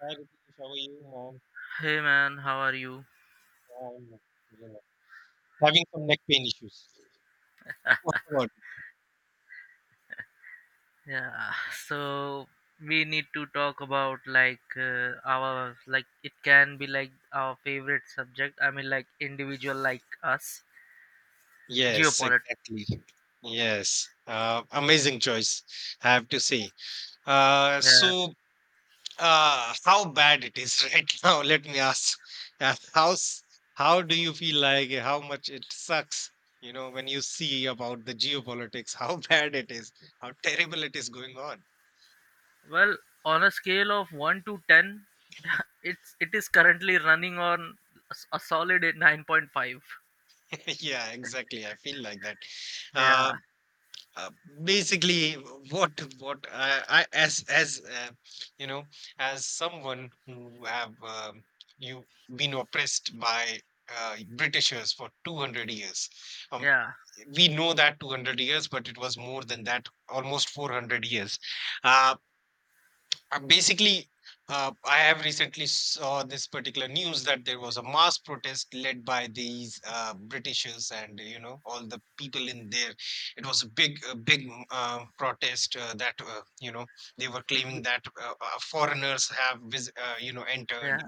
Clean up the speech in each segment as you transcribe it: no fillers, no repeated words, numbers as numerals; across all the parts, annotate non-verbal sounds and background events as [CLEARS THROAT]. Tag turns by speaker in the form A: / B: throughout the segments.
A: Hi, Ritesh. How are you, man?
B: Hey man, how are you?
A: I'm, you know, having some neck pain issues. What about you?
B: Yeah, so we need to talk about like our like it can be like our favorite subject. I mean, like individual like us,
A: Yes,
B: geopolitics.
A: exactly. Yes. Amazing choice, I have to say. Uh,
B: Yeah.
A: so, how bad it is [LAUGHS] right now? Let me ask. Uh, how how do you feel like? How much it sucks? You know, when you see about the geopolitics, how [LAUGHS] bad it is, how terrible it is going on.
B: Well, on a scale of 1 to 10, it is currently running on a solid at 9.5.
A: [LAUGHS] Yeah, exactly. I feel like that. Uh,
B: Yeah,
A: Uh, basically, what I, you know, as someone who have you been oppressed by Britishers for 200 years. Um,
B: yeah,
A: we know that 200 years, but it was more than that, almost 400 years. Uh, uh, basically, I have recently saw this particular news that there was a mass protest led by these Britishers and all the people in there. It was a big protest that they were
B: w-
A: claiming that foreigners have entered,
B: yeah.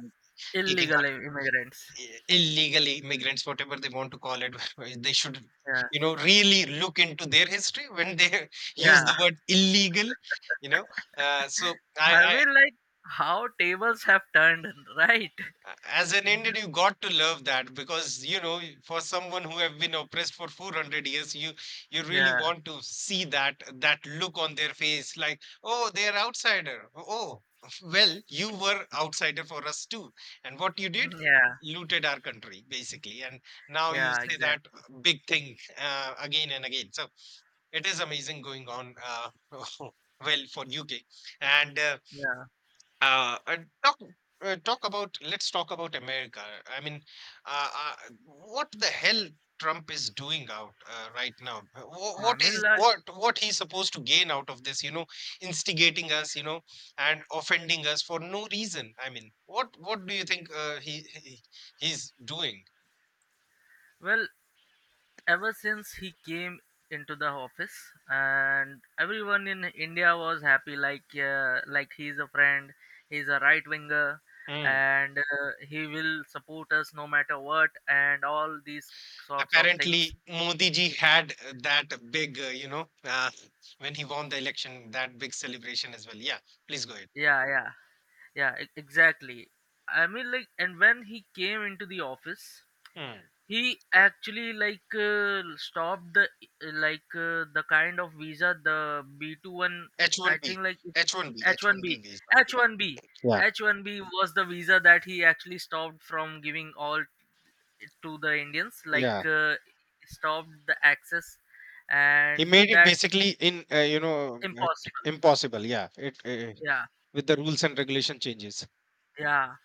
A: taking
B: Illegal
A: out
B: immigrants.
A: illegal immigrants, whatever they want to call it. [LAUGHS] They should
B: Yeah,
A: really look into their history when they [LAUGHS] use
B: yeah.
A: the word illegal. You know, uh, so I,
B: I
A: I
B: mean, like how tables have turned, right?
A: as an Indian, you got to love that because, for someone who have been oppressed for 400 years, you
B: [LAUGHS]
A: really
B: Yeah.
A: want to see that look on their face, like, oh, they're outsider. Oh, [LAUGHS] well, you were outsider for us too, and what you did
B: Yeah,
A: looted our country basically, and now you
B: yeah,
A: say that
B: exactly.
A: big thing again and again. So it is amazing going on, [LAUGHS] well, for UK. And.
B: Yeah,
A: Uh, uh, talk talk about let's talk about America. I mean, uh, uh, what the hell Trump is doing out right now? Wh-
B: I
A: What
B: mean,
A: is
B: like,
A: what he's supposed to gain out of this? Instigating us, and offending us for no reason. I mean, what do you think he's doing?
B: well, ever since he came into the office, and everyone in India was happy, like he's a friend, he's a right winger,
A: Mm.
B: and he will support us no matter what, and all these sorts of things.
A: Apparently, Modi ji had that big, you know, when he won the election, that big celebration as well. Yeah, please go
B: Yeah, yeah, yeah, exactly. I mean, like, and when he came into the office,
A: ahead.
B: he actually like stopped the like the kind of visa, the b two one, I
A: H-1B,
B: think like it's
A: H-1B,
B: H1B
A: H-1B visa. Yeah,
B: H1B
A: yeah,
B: H1B was the visa that he actually stopped from giving all to the Indians, like
A: yeah.
B: stopped the access,
A: He
B: and
A: made it
B: that
A: basically, in you know
B: impossible.
A: impossible. Yeah, it
B: Yeah,
A: with the rules and regulation changes.
B: yeah,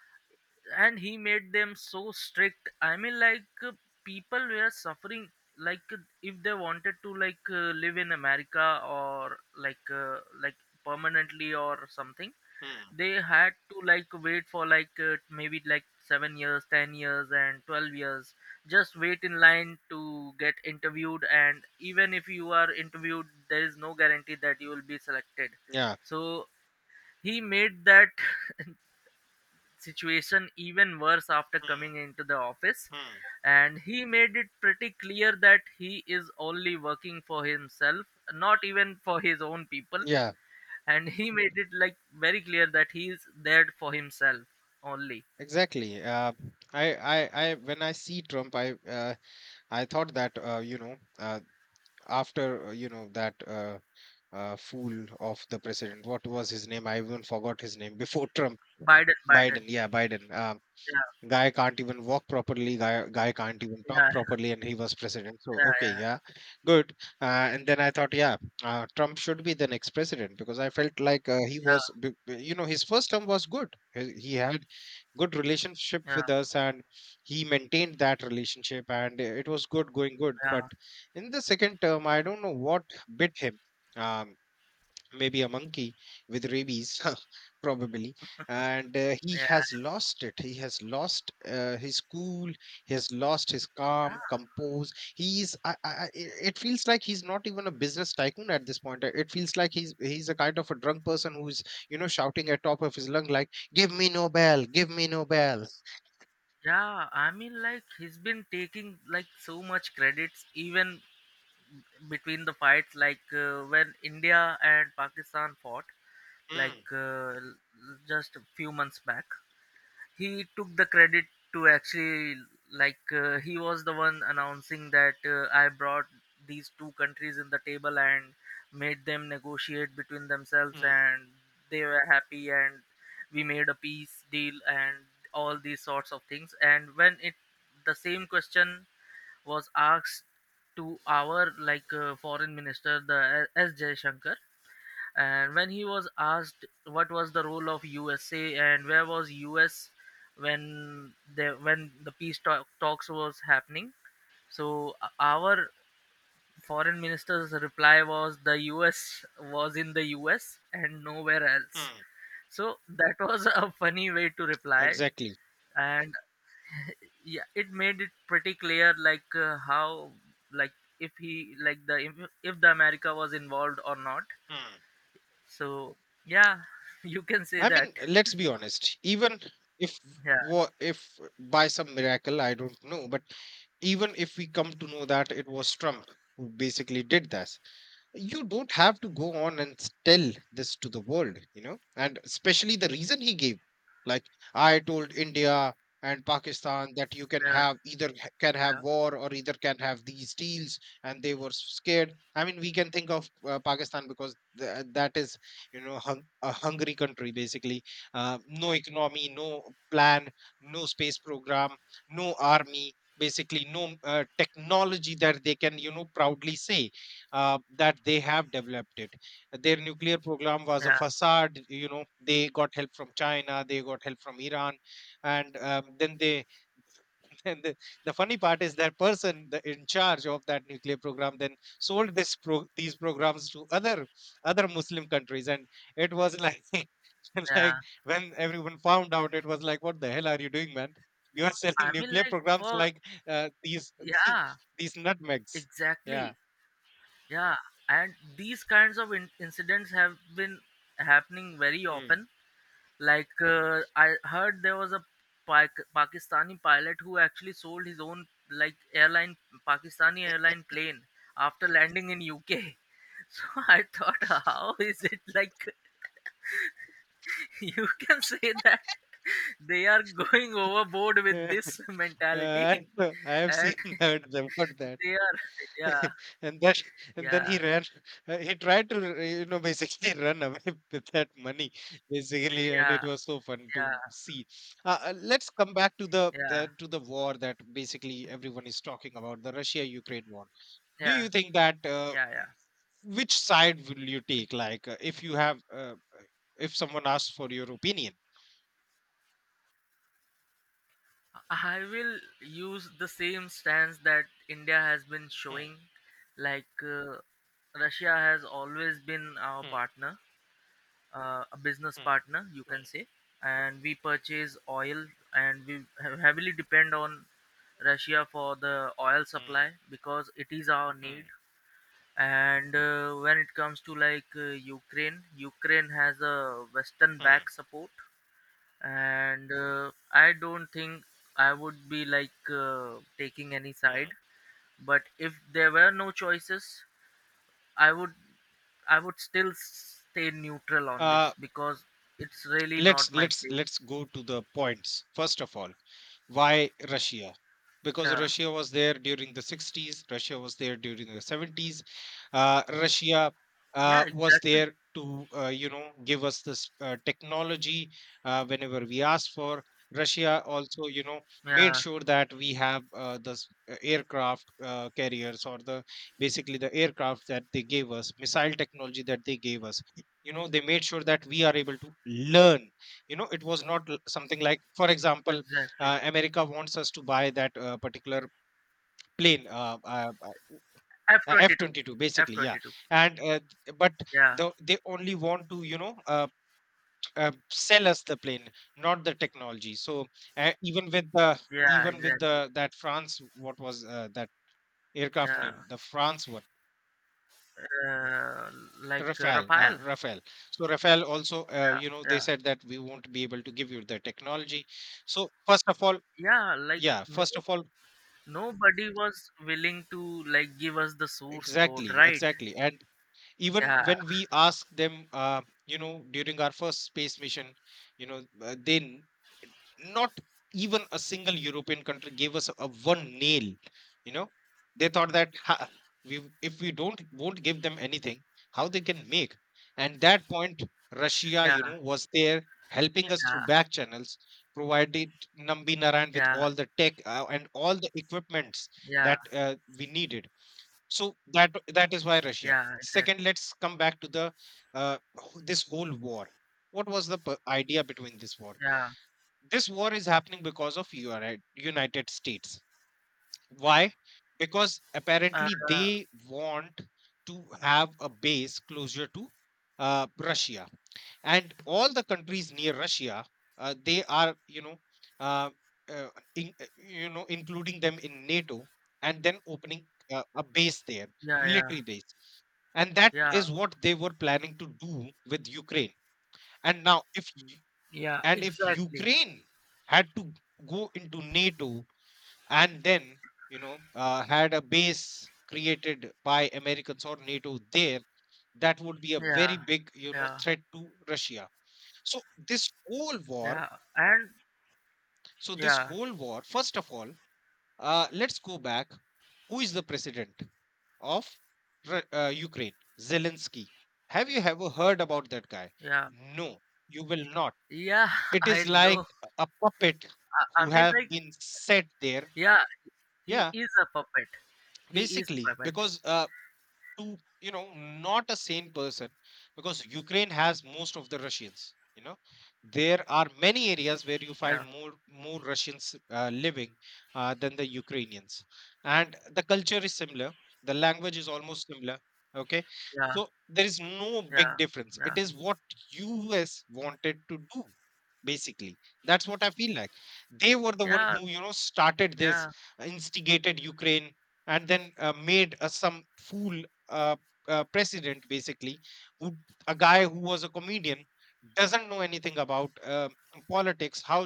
B: and he made them so strict. I mean, like people were suffering, like if they wanted to like live in america or like permanently or something,
A: Hmm.
B: they had to like wait for like maybe like 7 years, 10 years, and 12 years, just wait in line to get interviewed, and even if you are interviewed, there is no guarantee that you will be selected.
A: Yeah.
B: So he made that situation even worse after
A: Hmm.
B: coming into the office,
A: Hmm.
B: and he made it pretty clear that he is only working for himself, not even for his own people.
A: Yeah.
B: And he made it like very clear that he is there for himself only.
A: Exactly. When I see Trump, I thought that, after, that, fool of the president, what was his name? I even forgot his name before Trump.
B: Biden.
A: Biden, yeah, Biden. Uh,
B: Yeah,
A: guy can't even walk properly, guy can't even talk
B: yeah,
A: properly, and he was president, so
B: yeah,
A: okay.
B: yeah,
A: Yeah, good. And then I thought, yeah, Trump should be the next president, because I felt like, he
B: yeah,
A: was b- b- you know his first term was good. He had good relationship
B: yeah,
A: with us, and he maintained that relationship, and it was good going good. But in the second term, I don't know what bit him. Um, maybe a monkey with rabies [LAUGHS] probably. And he
B: yeah,
A: has lost it, he has lost his cool, he has lost his
B: yeah,
A: calm compose. He is I, I, I- it it feels like he's not even a business tycoon at this point. It feels like he's a kind of a drunk person who's shouting at top of his lung, like, give me Nobel, give me Nobel.
B: yeah. I mean, like he's been taking like so much credits, even between the fights, like when India and Pakistan fought,
A: Mm,
B: like just a few months back. He took the credit to actually like he was the one announcing that I brought these two countries in the table and made them negotiate between themselves,
A: mm,
B: and they were happy, and we made a peace deal, and all these sorts of things. And when it, the same question was asked to our, like foreign minister, the S Jayashankar, and when he was asked what was the role of USA and where was US when the peace talks was happening, so our foreign minister's reply was, the US was in the US and nowhere else.
A: mm.
B: So that [LAUGHS] was a funny way to reply,
A: Exactly.
B: and yeah, it made it pretty clear, like how, like if he like the if the America was involved or not. So yeah, [LAUGHS] you can say
A: I
B: that.
A: mean, let's be honest. Even if,
B: Yeah,
A: if by some miracle, I don't know, but even if we come to know that it was Trump who basically did that, you don't have to go on and, tell this to the world, and especially the reason he gave, like, I told India and Pakistan that you can
B: yeah,
A: have either, can have
B: yeah,
A: war, or either can have these deals. And they were scared. I mean, we can think of Pakistan, because, that is, a hungry country basically. No economy, no plan, no space program, no army, basically no technology that they can proudly say that they have developed it. Their nuclear program was a
B: yeah,
A: facade. You know, they got help from China, they got help from Iran, and then they. [LAUGHS] And the funny part is that person, in charge of that nuclear program, then sold these programs to other Muslim countries, and it was like. [LAUGHS] It's like
B: yeah,
A: when everyone found out, it was like, what the hell are you doing, man? [LAUGHS] You are
B: yeah. I
A: selling
B: mean,
A: nuclear
B: like,
A: programs
B: for
A: like these
B: yeah,
A: [LAUGHS] these nutmegs. Yeah.
B: exactly. Yeah, and these kinds of incidents have been happening very
A: Hmm.
B: often. Like I heard there was a Pakistani pilot who actually sold his own like airline, Pakistani airline plane after landing in UK. [LAUGHS] So I thought, how is it, like, [LAUGHS] you can say that they are going overboard with this
A: [LAUGHS]
B: mentality.
A: I [LAUGHS] I
B: [LAUGHS]
A: have seen
B: And
A: [LAUGHS] heard about that,
B: they are [LAUGHS] yeah,
A: [LAUGHS] and that and then he
B: yeah,
A: ran. He tried to, basically, run away [LAUGHS] with that money basically, and it
B: yeah,
A: was so fun
B: yeah,
A: to see. Let's come back to the,
B: yeah,
A: war that basically everyone is talking about, the Russia-Ukraine war. Do
B: yeah,
A: you think that
B: yeah, yeah.
A: which side will you take? Like, if you, if someone asks for your opinion.
B: I will use the same stance that India has been
A: Hmm,
B: showing. Like Russia has always been our
A: hmm,
B: partner, a business
A: hmm,
B: partner, you can say, and we purchase oil, and we heavily depend on Russia for the oil
A: hmm, hmm,
B: supply, because it is our
A: hmm,
B: need. And when it comes to, like Ukraine, has a western
A: hmm,
B: back support, and I don't think I would be like taking any
A: hmm.
B: side, but if there were no choices, i would I would still stay neutral on this,
A: Uh,
B: because it's really not
A: let's
B: my
A: let's
B: place.
A: let's go to the points. First of all, why Russia? Because
B: Yeah,
A: Russia was there during the 60s, Russia was there during the 70s. Russia
B: yeah,
A: was
B: exactly.
A: there to, give us this technology, whenever we asked for. Russia also, made
B: Yeah,
A: sure that we have, aircraft carriers, or the basically the aircraft, that they gave us missile technology, that they gave us. They made sure that we are able to learn. It was not, something like, for example,
B: exactly.
A: America wants us to buy that particular plane,
B: f22
A: F-22 basically. Yeah.
B: f22
A: And but
B: Yeah,
A: they only want to, sell us the plane, not the technology. So even with the,
B: yeah, exactly.
A: that France, what was, that aircraft name,
B: Yeah,
A: the France one?
B: uh, like
A: Rafale,
B: Raphael.
A: Rafale. So Rafale also,
B: Yeah,
A: they
B: yeah,
A: said that we won't be able to give you the technology. So first of all,
B: yeah. Like,
A: yeah,
B: no,
A: first of all,
B: nobody was willing to like give us the source code,
A: exactly,
B: right?
A: exactly. And even
B: Yeah,
A: when we ask them, during our first space mission, then not even a single European country gave us a one nail. You know, they thought that, we, if we don't won't give them anything, how they can make? And that point, Russia,
B: yeah,
A: was there helping us through back channels, provided Nambi Naran with
B: yeah,
A: all the tech, and all the equipments
B: yeah, yeah,
A: that we needed, so that is why Russia.
B: yeah. Exactly.
A: Second, let's come back to the, this whole war. What was the, idea between this war?
B: Yeah.
A: This war is happening because of, United States. Why? Because
B: Uh,
A: apparently they want to have a base closer to Russia, and all the countries near Russia, they are, you know uh, uh, in, you know including them in NATO, and then opening a base there,
B: yeah, yeah,
A: military base. And that
B: yeah,
A: is what they were planning to do with Ukraine. And now, if y-
B: yeah.
A: and if
B: Exactly.
A: Ukraine had to go into NATO, and then, had a base created by Americans or NATO there, that would be a
B: Yeah,
A: very big,
B: yeah,
A: threat to Russia. So this whole war,
B: yeah. And yeah,
A: first of all, let's go back. Who is the president of, Ukraine? Zelensky. Have you ever heard about that guy?
B: yeah,
A: No, you will not.
B: yeah. [LAUGHS]
A: It
B: I
A: is
B: know.
A: like a puppet
B: I
A: who
B: mean,
A: have
B: like,
A: been set there.
B: yeah. He
A: Yeah,
B: is a puppet. He is
A: basically,
B: puppet.
A: because, to you know not a sane person, because Ukraine has most of the Russians. There are many areas where you find
B: Yeah,
A: more Russians living than the Ukrainians, and the culture is similar, the language is almost similar, okay?
B: yeah,
A: So there is no big
B: yeah,
A: difference.
B: yeah.
A: It is what US wanted to do basically. That's what I feel like. They were the one
B: Yeah,
A: who, started this,
B: yeah,
A: instigated Ukraine, and then made some fool uh, president basically, who a guy who was a comedian, doesn't know anything about politics, how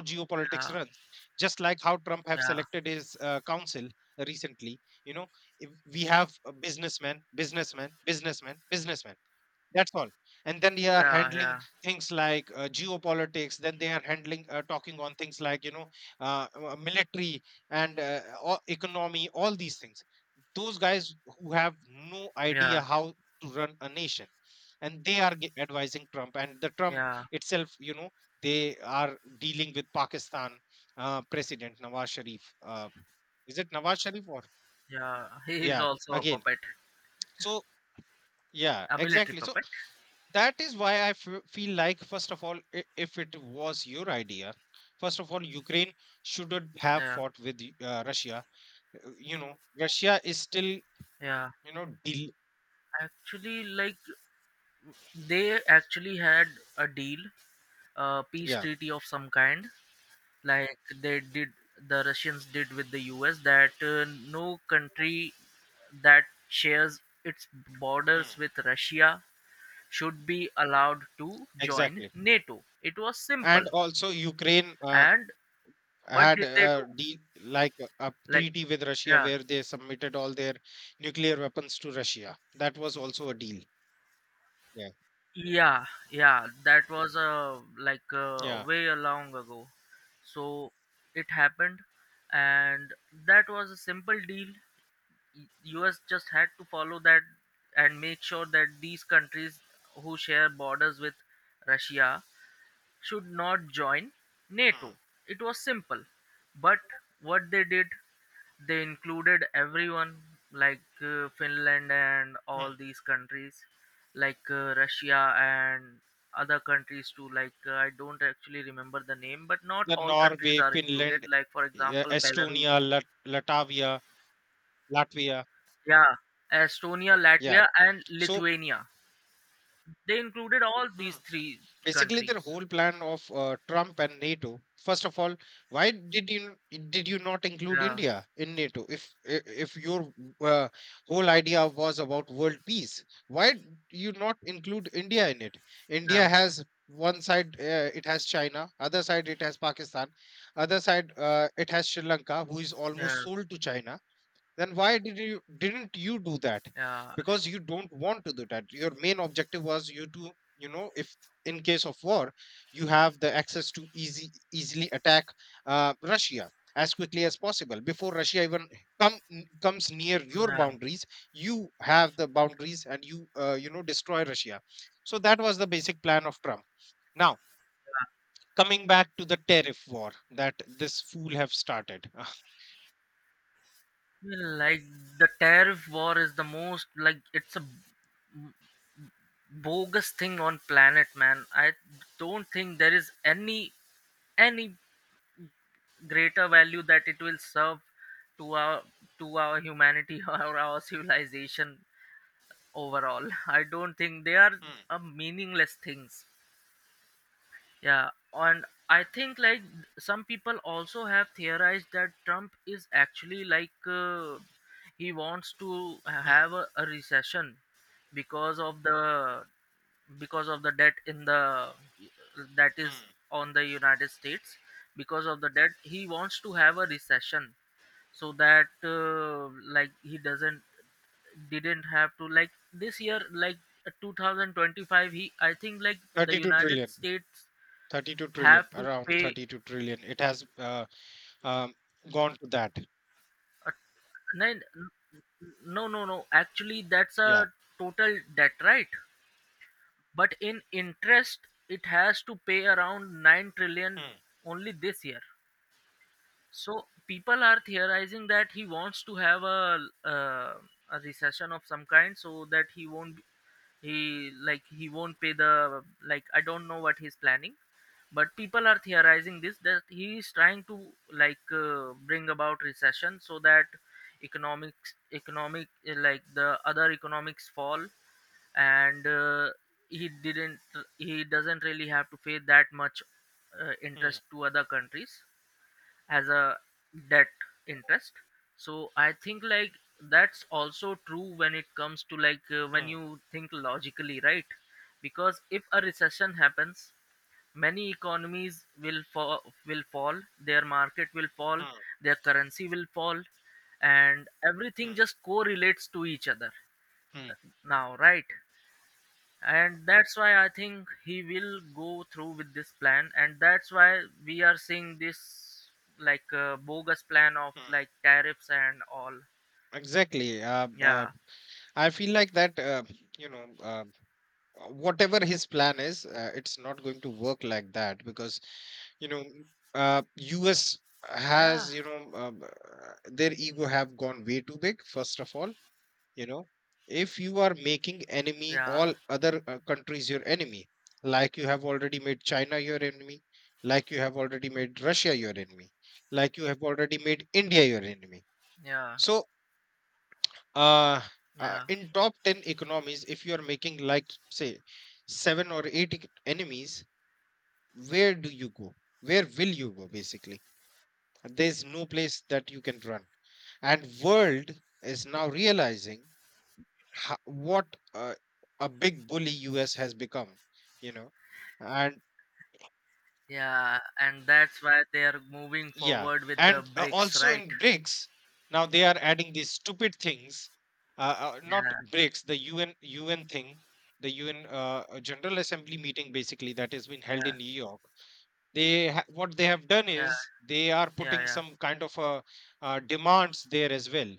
B: yeah,
A: geopolitics runs, just like how Trump have
B: yeah,
A: selected his council recently. You know if we have a businessman, businessman, businessman, businessman, that's all. And then they are
B: yeah,
A: handling
B: yeah,
A: things like geopolitics. Then they are handling, talking on things like, military, and economy. All these things. Those guys who have no
B: yeah,
A: idea how to run a nation, and they are advising Trump. And the Trump
B: yeah,
A: itself, you know, they are dealing with Pakistan, President Nawaz Sharif. Is it Nawaz Sharif, or
B: yeah. [LAUGHS] He is
A: yeah?
B: also a
A: Again,
B: puppet,
A: so yeah,
B: a military
A: exactly. So
B: puppet.
A: that is why I feel like, first of all, if it was your idea, first of all, Ukraine shouldn't have
B: Yeah,
A: fought with Russia. You know, Russia is still,
B: yeah.
A: you know, deal.
B: Actually, like they actually had
A: Mm,
B: a deal, a peace
A: yeah,
B: treaty of some kind, like the Russians did with the U.S. that no country that shares its
A: mm,
B: borders with Russia should be allowed to join
A: exactly.
B: NATO. It was simple.
A: And also, Ukraine
B: And what
A: had
B: did they do?
A: a deal, like a
B: Like,
A: treaty with Russia
B: yeah,
A: where they submitted all their nuclear weapons to Russia. That was also a deal. Yeah,
B: yeah, yeah, that was like
A: yeah.
B: way long ago. So it happened, and that was a simple deal. Us just had to follow that and make sure that these countries who share borders with russia should not join
A: Mm,
B: NATO. It was simple. But what they did, they included everyone, like Finland and
A: mm.
B: all these countries, like Russia and other countries too. Like, I don't actually remember the name, but not
A: The
B: all countries
A: Norway,
B: are included.
A: Finland,
B: Like, for
A: yeah,
B: example, Belarus.
A: Estonia, Latvia, Latvia.
B: Yeah, Estonia,
A: Yeah.
B: Latvia, and
A: So,
B: Lithuania. They included all
A: hmm,
B: these three
A: basically, their
B: countries.
A: whole plan of Trump and NATO. First of all, why did you not include
B: Yeah,
A: India in NATO? If if your uh, whole idea was about world peace, why you not include India in it? India
B: yeah,
A: has one side, it has China; other side, it has Pakistan; other side, it has Sri Lanka, who is almost
B: yeah,
A: sold to China. Then why didn't you do that?
B: yeah,
A: Because you don't want to do that. Your main objective was you to, you know, if in case of war, you have the access to easy easily attack Russia as quickly as possible before Russia even comes near your
B: yeah.
A: boundaries. You have the boundaries, and you, you know destroy Russia. So that was the basic plan of Trump. Now, coming back to the tariff war that this fool have started. [LAUGHS]
B: Well, like the tariff war is the most, like, it's a bogus thing on planet, man. I don't think there is any greater value that it will serve to our humanity, [LAUGHS] or our civilization overall. I don't think they are
A: Hmm,
B: meaningless things. Yeah, and I think, like, some people also have theorized that Trump is actually like he wants to
A: hmm,
B: have a recession, because of the because of the debt in the, that is
A: hmm.
B: on the United States. Because of the debt, he wants to have a recession, so that like he doesn't didn't have to, like, this year, like 2025. He I think like the
A: 32
B: united
A: trillion.
B: states
A: 32
B: have
A: trillion,
B: to
A: around
B: pay
A: 32 trillion. It has um, gone to that.
B: a, nine? No, no, no, actually that's
A: Yeah.
B: a total debt, right? But in interest, it has to pay around 9 trillion
A: Mm,
B: only this year. So people are theorizing that he wants to have a recession of some kind, so that he won't, he won't pay the, like, I don't know what he's planning, but people are theorizing this, that he is trying to like bring about recession, so that economic, like the other economics fall, and he didn't he doesn't really have to pay that much
A: mm,
B: interest to other countries as a debt interest. So I think like that's also true when it comes to, like when
A: mm,
B: you think logically, right? Because if a recession happens, many economies will fall, their market will fall,
A: mm,
B: their currency will fall, and everything
A: mm,
B: just correlates to each other
A: mm,
B: now, right? And that's why I think he will go through with this plan, and that's why we are seeing this, like bogus plan of
A: mm.
B: like tariffs and all.
A: Exactly.
B: Yeah,
A: I feel like that, you know, whatever his plan is, it's not going to work like that, because, you know, US
B: yeah,
A: has, their ego have gone way too big, first of all. You know, if you are making enemy
B: yeah,
A: all other countries your enemy, like you have already made China your enemy, like you have already made Russia your enemy, like you have already made India your enemy.
B: yeah,
A: So, uh,
B: yeah,
A: in top 10 economies, if you are making, like, say, seven or eight enemies, where do you go? Where will you go, basically? There's no place that you can run, and world is now realizing, what uh, a big bully US has become. you know, and
B: yeah. And that's why they are moving
A: yeah,
B: forward with the
A: and
B: bricks,
A: also
B: right?
A: in BRICS, now they are adding these stupid things, not
B: Yeah,
A: BRICS, the UN thing, the UN General Assembly meeting, basically, that has been held
B: yeah,
A: in New York. They what they have done
B: yeah,
A: is they are
B: yeah,
A: putting
B: yeah,
A: some kind of a demands there as well,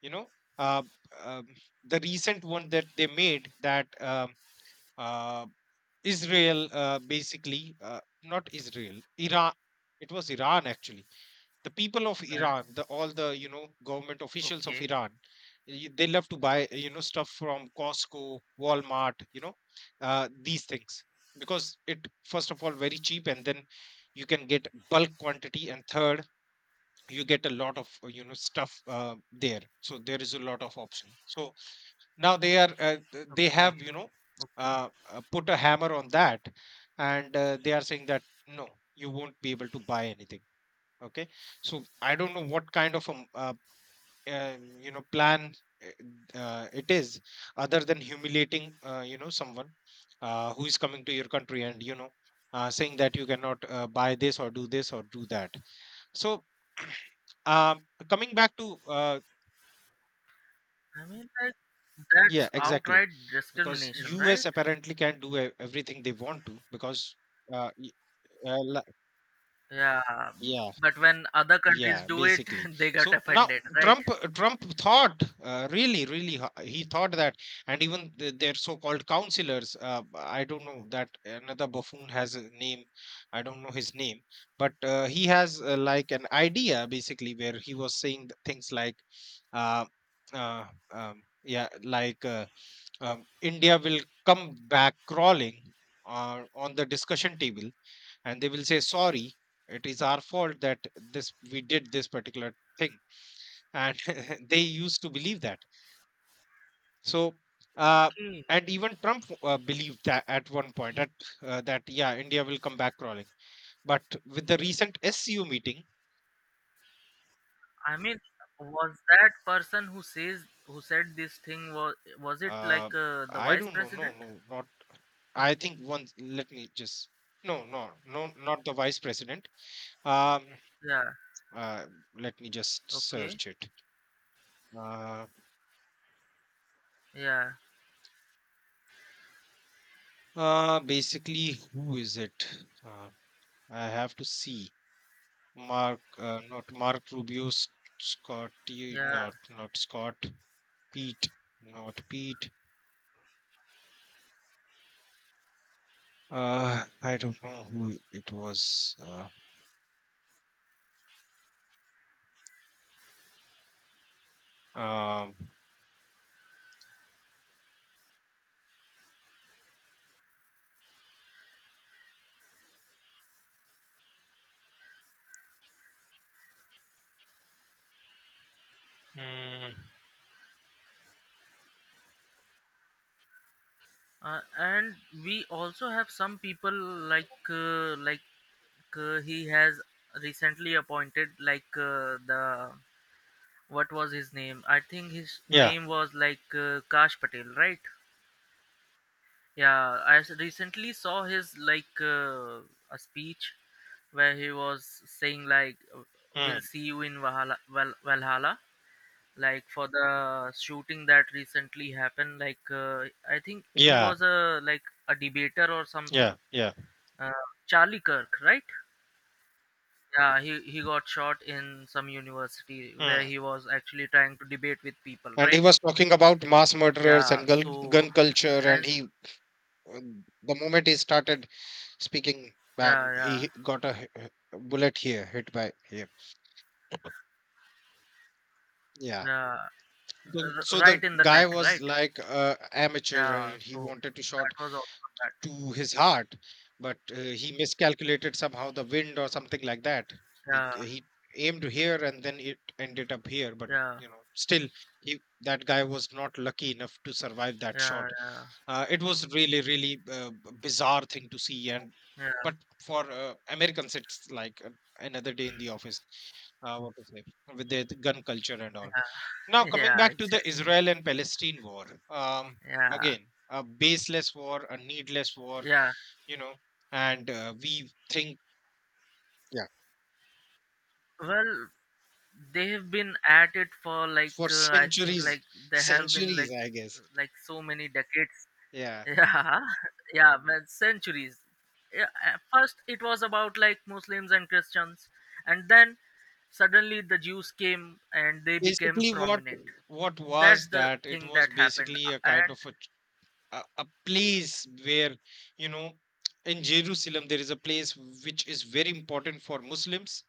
A: you know. Uh, um, the recent one that they made, that, uh, Israel, basically, not Israel, Iran. It was Iran, actually. The people of Iran,
B: yeah.
A: the all the, you know, government officials of
B: Okay,
A: Iran, they love to buy, you know, stuff from Costco, Walmart, you know, these things, because it first of all very cheap, and then you can get bulk quantity, and third you get a lot of, stuff there, so there is a lot of option. So now they are, they
B: okay,
A: have,
B: okay.
A: put a hammer on that, and they are saying that no, you won't be able to buy anything. Okay, so I don't know what kind of a plan it is, other than humiliating, you know, someone, who is coming to your country, and, you know, saying that you cannot, buy this or do that. So [CLEARS THROAT] coming back to,
B: I mean, like, that's
A: yeah, exactly.
B: outright
A: Because
B: discrimination,
A: US
B: right?
A: apparently can do everything they want to, because uh, y- uh la-
B: Yeah,
A: yeah,
B: but when other countries
A: yeah,
B: do it, [LAUGHS]
A: basically.
B: they get
A: So now
B: offended, right?
A: Trump thought, really, really, he thought that, and even their so-called counselors. I don't know that another buffoon has a name. I don't know his name, but he has, like, an idea basically, where he was saying things like, uh, uh, yeah, like, India will come back crawling on the discussion table, and they will say sorry, it is our fault, that this we did this particular thing. And [LAUGHS] they used to believe that. So, uh,
B: Okay.
A: and even Trump believed that at one point,
B: Okay.
A: that, yeah, India will come back crawling. But with the recent SCU meeting,
B: I mean, was that person who says who said this thing, was it
A: uh,
B: like the
A: I
B: vice
A: don't know. No,
B: president?
A: no, not, I think, once, let me just, no, no, no, not the vice president. um
B: Yeah.
A: uh, Let me just
B: Okay.
A: search it. uh,
B: Yeah.
A: Basically, who is it? Uh, I have to see. Mark, not Mark Rubio, Scotty,
B: Yeah.
A: not Scott, Pete, not Pete. I don't know who it was. Um, mm,
B: And we also have some people like he has recently appointed, like the, what was his name? I think his
A: yeah,
B: name was like Kash Patel, right? Yeah, recently saw his, like a speech, where he was saying, like,
A: mm,
B: "We'll see you in Valhalla." Valhalla. Like, for the shooting that recently happened, like I think he
A: yeah,
B: was a, like, a debater or
A: yeah,
B: something.
A: yeah.
B: Uh, Charlie Kirk, right? Yeah, he got shot in some university where
A: Mm.
B: he was actually trying to debate with people,
A: And he
B: right?
A: was talking about mass murderers
B: Yeah.
A: and
B: So,
A: gun culture,
B: [LAUGHS]
A: and
B: and
A: uh, the moment he started speaking,
B: yeah,
A: bam, he
B: yeah,
A: got a bullet here, hit by here. Yeah.
B: yeah,
A: So
B: right
A: the
B: in the
A: guy
B: neck,
A: was,
B: right?
A: like, amateur,
B: Yeah,
A: and he
B: so
A: wanted to
B: that
A: shot
B: was also a bad
A: to his heart, but he miscalculated somehow the wind or something like that.
B: thing.
A: He
B: Yeah,
A: he aimed here and then it ended up here, but
B: yeah,
A: still, he that guy was not lucky enough to survive that
B: yeah,
A: shot.
B: yeah,
A: It was really, really, bizarre thing to see. And
B: yeah,
A: but for Americans, it's like, another day in the office. What to say, with their gun culture and all. Now,
B: yeah, [LAUGHS]
A: coming
B: yeah,
A: back to the
B: exactly.
A: Israel and Palestine war,
B: Yeah,
A: again, a baseless war, a needless war,
B: yeah.
A: you know, and we think, yeah,
B: Well, they have been at it for, like
A: for
B: I think
A: centuries,
B: like they have been
A: centuries,
B: like,
A: I guess.
B: so many decades. [LAUGHS]
A: Yeah.
B: Yeah, yeah, man, centuries. Yeah, at first it was about like Muslims and Christians, and then suddenly the Jews came and they became
A: Basically, what
B: prominent. That's
A: was
B: the
A: that? It
B: thing
A: was
B: that happened,
A: basically a kind
B: and
A: of a, a place where, you know, in Jerusalem, there is a place which is very important for Muslims,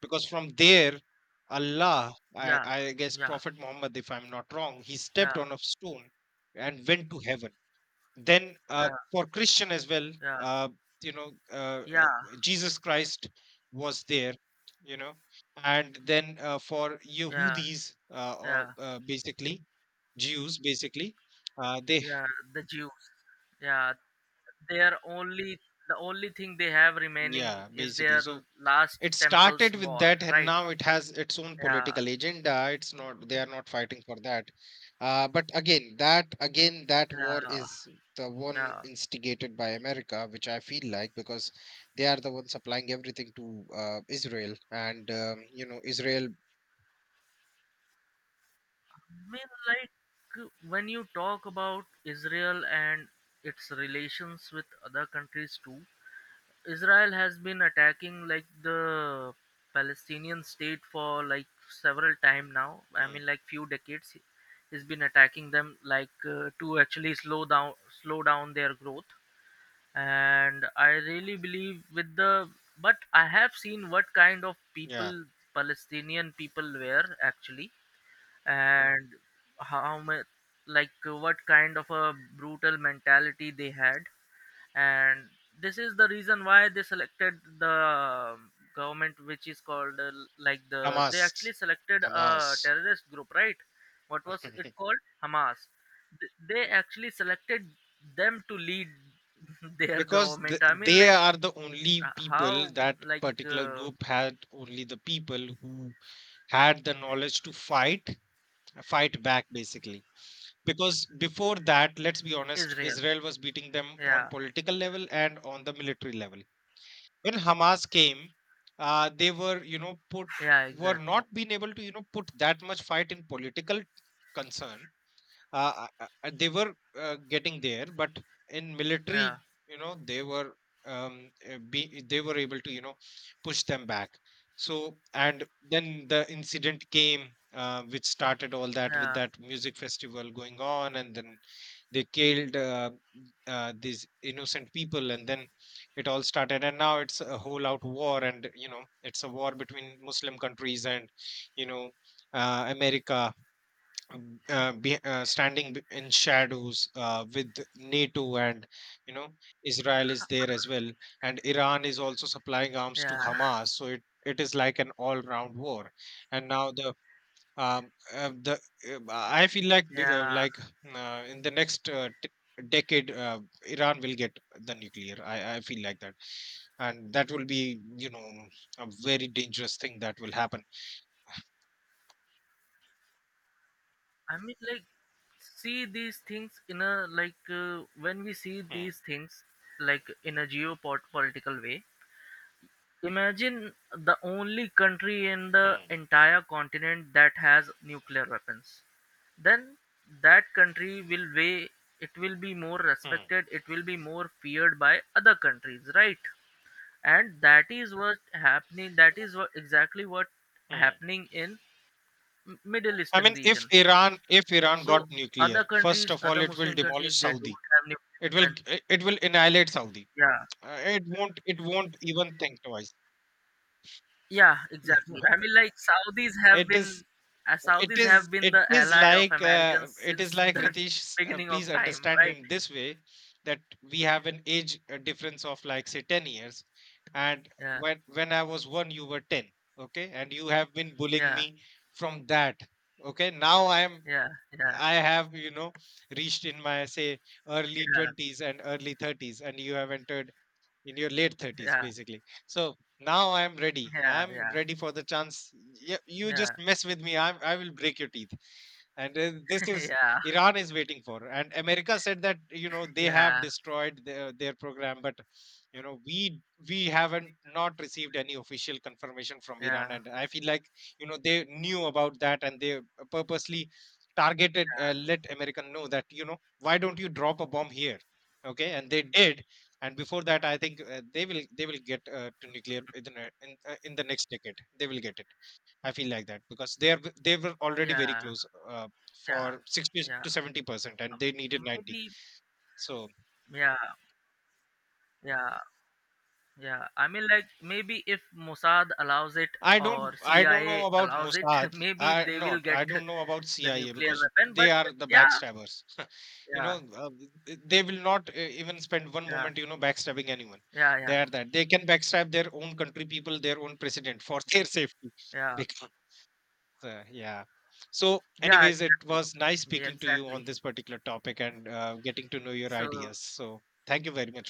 A: because from there, Allah,
B: yeah,
A: I guess,
B: yeah,
A: Prophet Muhammad, if I'm not wrong, he
B: yeah,
A: stepped on a stone and went to heaven. Then,
B: yeah,
A: for Christian as well,
B: yeah,
A: uh, you know uh, uh,
B: yeah,
A: Jesus Christ was there, you know, and then, for
B: yeah,
A: Yehudis, or,
B: yeah,
A: basically, Jews, basically, they,
B: yeah. The Jews, yeah, their only the only thing they have
A: yeah,
B: remaining is their
A: basically. So
B: last
A: it
B: temple's
A: started with
B: wall,
A: that, and
B: right?
A: now it has its own
B: Yeah,
A: political agenda. It's not, they are not fighting for that. But again, that, again, that war
B: yeah,
A: is the one
B: yeah.
A: instigated by America, which I feel like, because they are the one supplying everything to, Israel, and you know, Israel.
B: I mean, like, when you talk about Israel and its relations with other countries too, Israel has been attacking like the Palestinian state for, like, several time now. I
A: Hmm,
B: mean, like, few decades, has been attacking them, like to actually slow down, their growth. And I really believe with the but I have seen what kind of
A: yeah,
B: people, Palestinian people were actually, and how much, like what kind of a brutal mentality they had. And this is the reason why they selected the, government, which is called like they actually
A: Hamas,
B: selected a
A: Hamas.
B: terrorist group, right? What was it
A: [LAUGHS]
B: called? Hamas. They actually selected them to lead [LAUGHS] their
A: Because
B: government. I mean,
A: they
B: like
A: are the only people,
B: how,
A: that
B: like
A: particular group had only the people who had the knowledge to fight back, basically. Because before that, let's be honest,
B: Israel,
A: Israel was beating them on
B: yeah,
A: political level and on the military level. When Hamas came, they were, you know, put
B: yeah,
A: were
B: exactly,
A: not being able to, you know, put that much fight in political concern. They were, getting there, but in military,
B: yeah,
A: you know, they were, they were able to, you know, push them back. So, and then the incident came, which started all that, with
B: yeah,
A: that music festival going on, and then they killed, these innocent people, and then it all started. And now it's a whole out war, and you know, it's a war between Muslim countries and, you know, America, standing in shadows, with NATO, and you know, Israel is there as well, and Iran is also supplying arms to
B: yeah, [LAUGHS]
A: Hamas. So it is like an all round war. And now the, the, I feel like
B: yeah.
A: like, in the next, decade, Iran will get the nuclear. I feel like that, and that will be, you know, a very dangerous thing that will happen.
B: I mean, like, see these things in a, like when we see
A: Hmm,
B: these things, like, in a geopolitical way. Imagine the only country in the
A: hmm,
B: entire continent that has nuclear weapons. Then that country will weigh. It will be more
A: hmm,
B: respected. It will be more feared by other countries, right? And that is what happening. That is what exactly what
A: hmm.
B: happening in Middle
A: I
B: Eastern
A: mean, if
B: region.
A: Iran
B: So
A: got nuclear,
B: other
A: first
B: countries,
A: of all,
B: other
A: it will
B: Muslim countries,
A: demolish
B: they don't
A: Saudi.
B: have nuclear
A: It will,
B: weapons.
A: it it will annihilate Saudi.
B: Yeah,
A: It won't even think twice.
B: yeah,
A: You
B: exactly. I mean,
A: [LAUGHS]
B: like, Saudis have
A: It is,
B: Saudis have been
A: it
B: the
A: is
B: ally of
A: like, uh,
B: Americans
A: it is
B: since
A: like
B: the [LAUGHS]
A: Ritesh.
B: beginning of
A: Please
B: time,
A: understand
B: right?
A: in this way, that we have an age difference of, like, say, 10 years, and
B: Yeah,
A: when I was one, you were ten. Okay, and you have been bullying
B: yeah,
A: me from that. Okay, now
B: yeah, yeah,
A: I have, you know, reached in my, say, early 20s and early 30s, and you have entered in your late 30s,
B: yeah,
A: basically. So now I'm ready.
B: yeah, yeah,
A: I'm
B: yeah,
A: ready for the chance. Yeah, you just
B: yeah,
A: mess with me. I will break your teeth, and this
B: [LAUGHS]
A: is,
B: yeah,
A: Iran is waiting for. And America said that, you know, they have
B: yeah,
A: destroyed their program, but you know we haven't not received any official confirmation from Iran.
B: yeah,
A: And I feel like, you know, they knew about that, and they purposely targeted, let American know that, you know, why don't you drop a bomb here. Okay, and they did. And before that, I think, they will get, to nuclear in, in the next decade, they will get it. I feel like that, because they are they were already very
B: yeah,
A: close, for
B: yeah,
A: 60
B: yeah.
A: to 70%, and they needed 90.
B: Maybe,
A: So
B: yeah, yeah. Yeah, I mean, like, maybe if Mossad allows it or
A: I don't
B: CIA
A: know about
B: allows it,
A: Mossad.
B: [LAUGHS] maybe they will get
A: I don't know about
B: the
A: CIA,
B: nuclear
A: because
B: weapon.
A: they
B: But
A: are the
B: yeah,
A: backstabbers. [LAUGHS] you know
B: yeah,
A: uh, they will not, even spend one
B: yeah,
A: moment, you know, backstabbing anyone.
B: yeah, yeah,
A: They are that they can backstab their own country people, their own president for [LAUGHS] their safety.
B: yeah,
A: So, yeah. So,
B: yeah,
A: anyways, it
B: exactly,
A: was nice
B: yeah,
A: speaking to you on
B: exactly.
A: this particular topic and, getting to know your
B: So
A: ideas. So, thank you very much.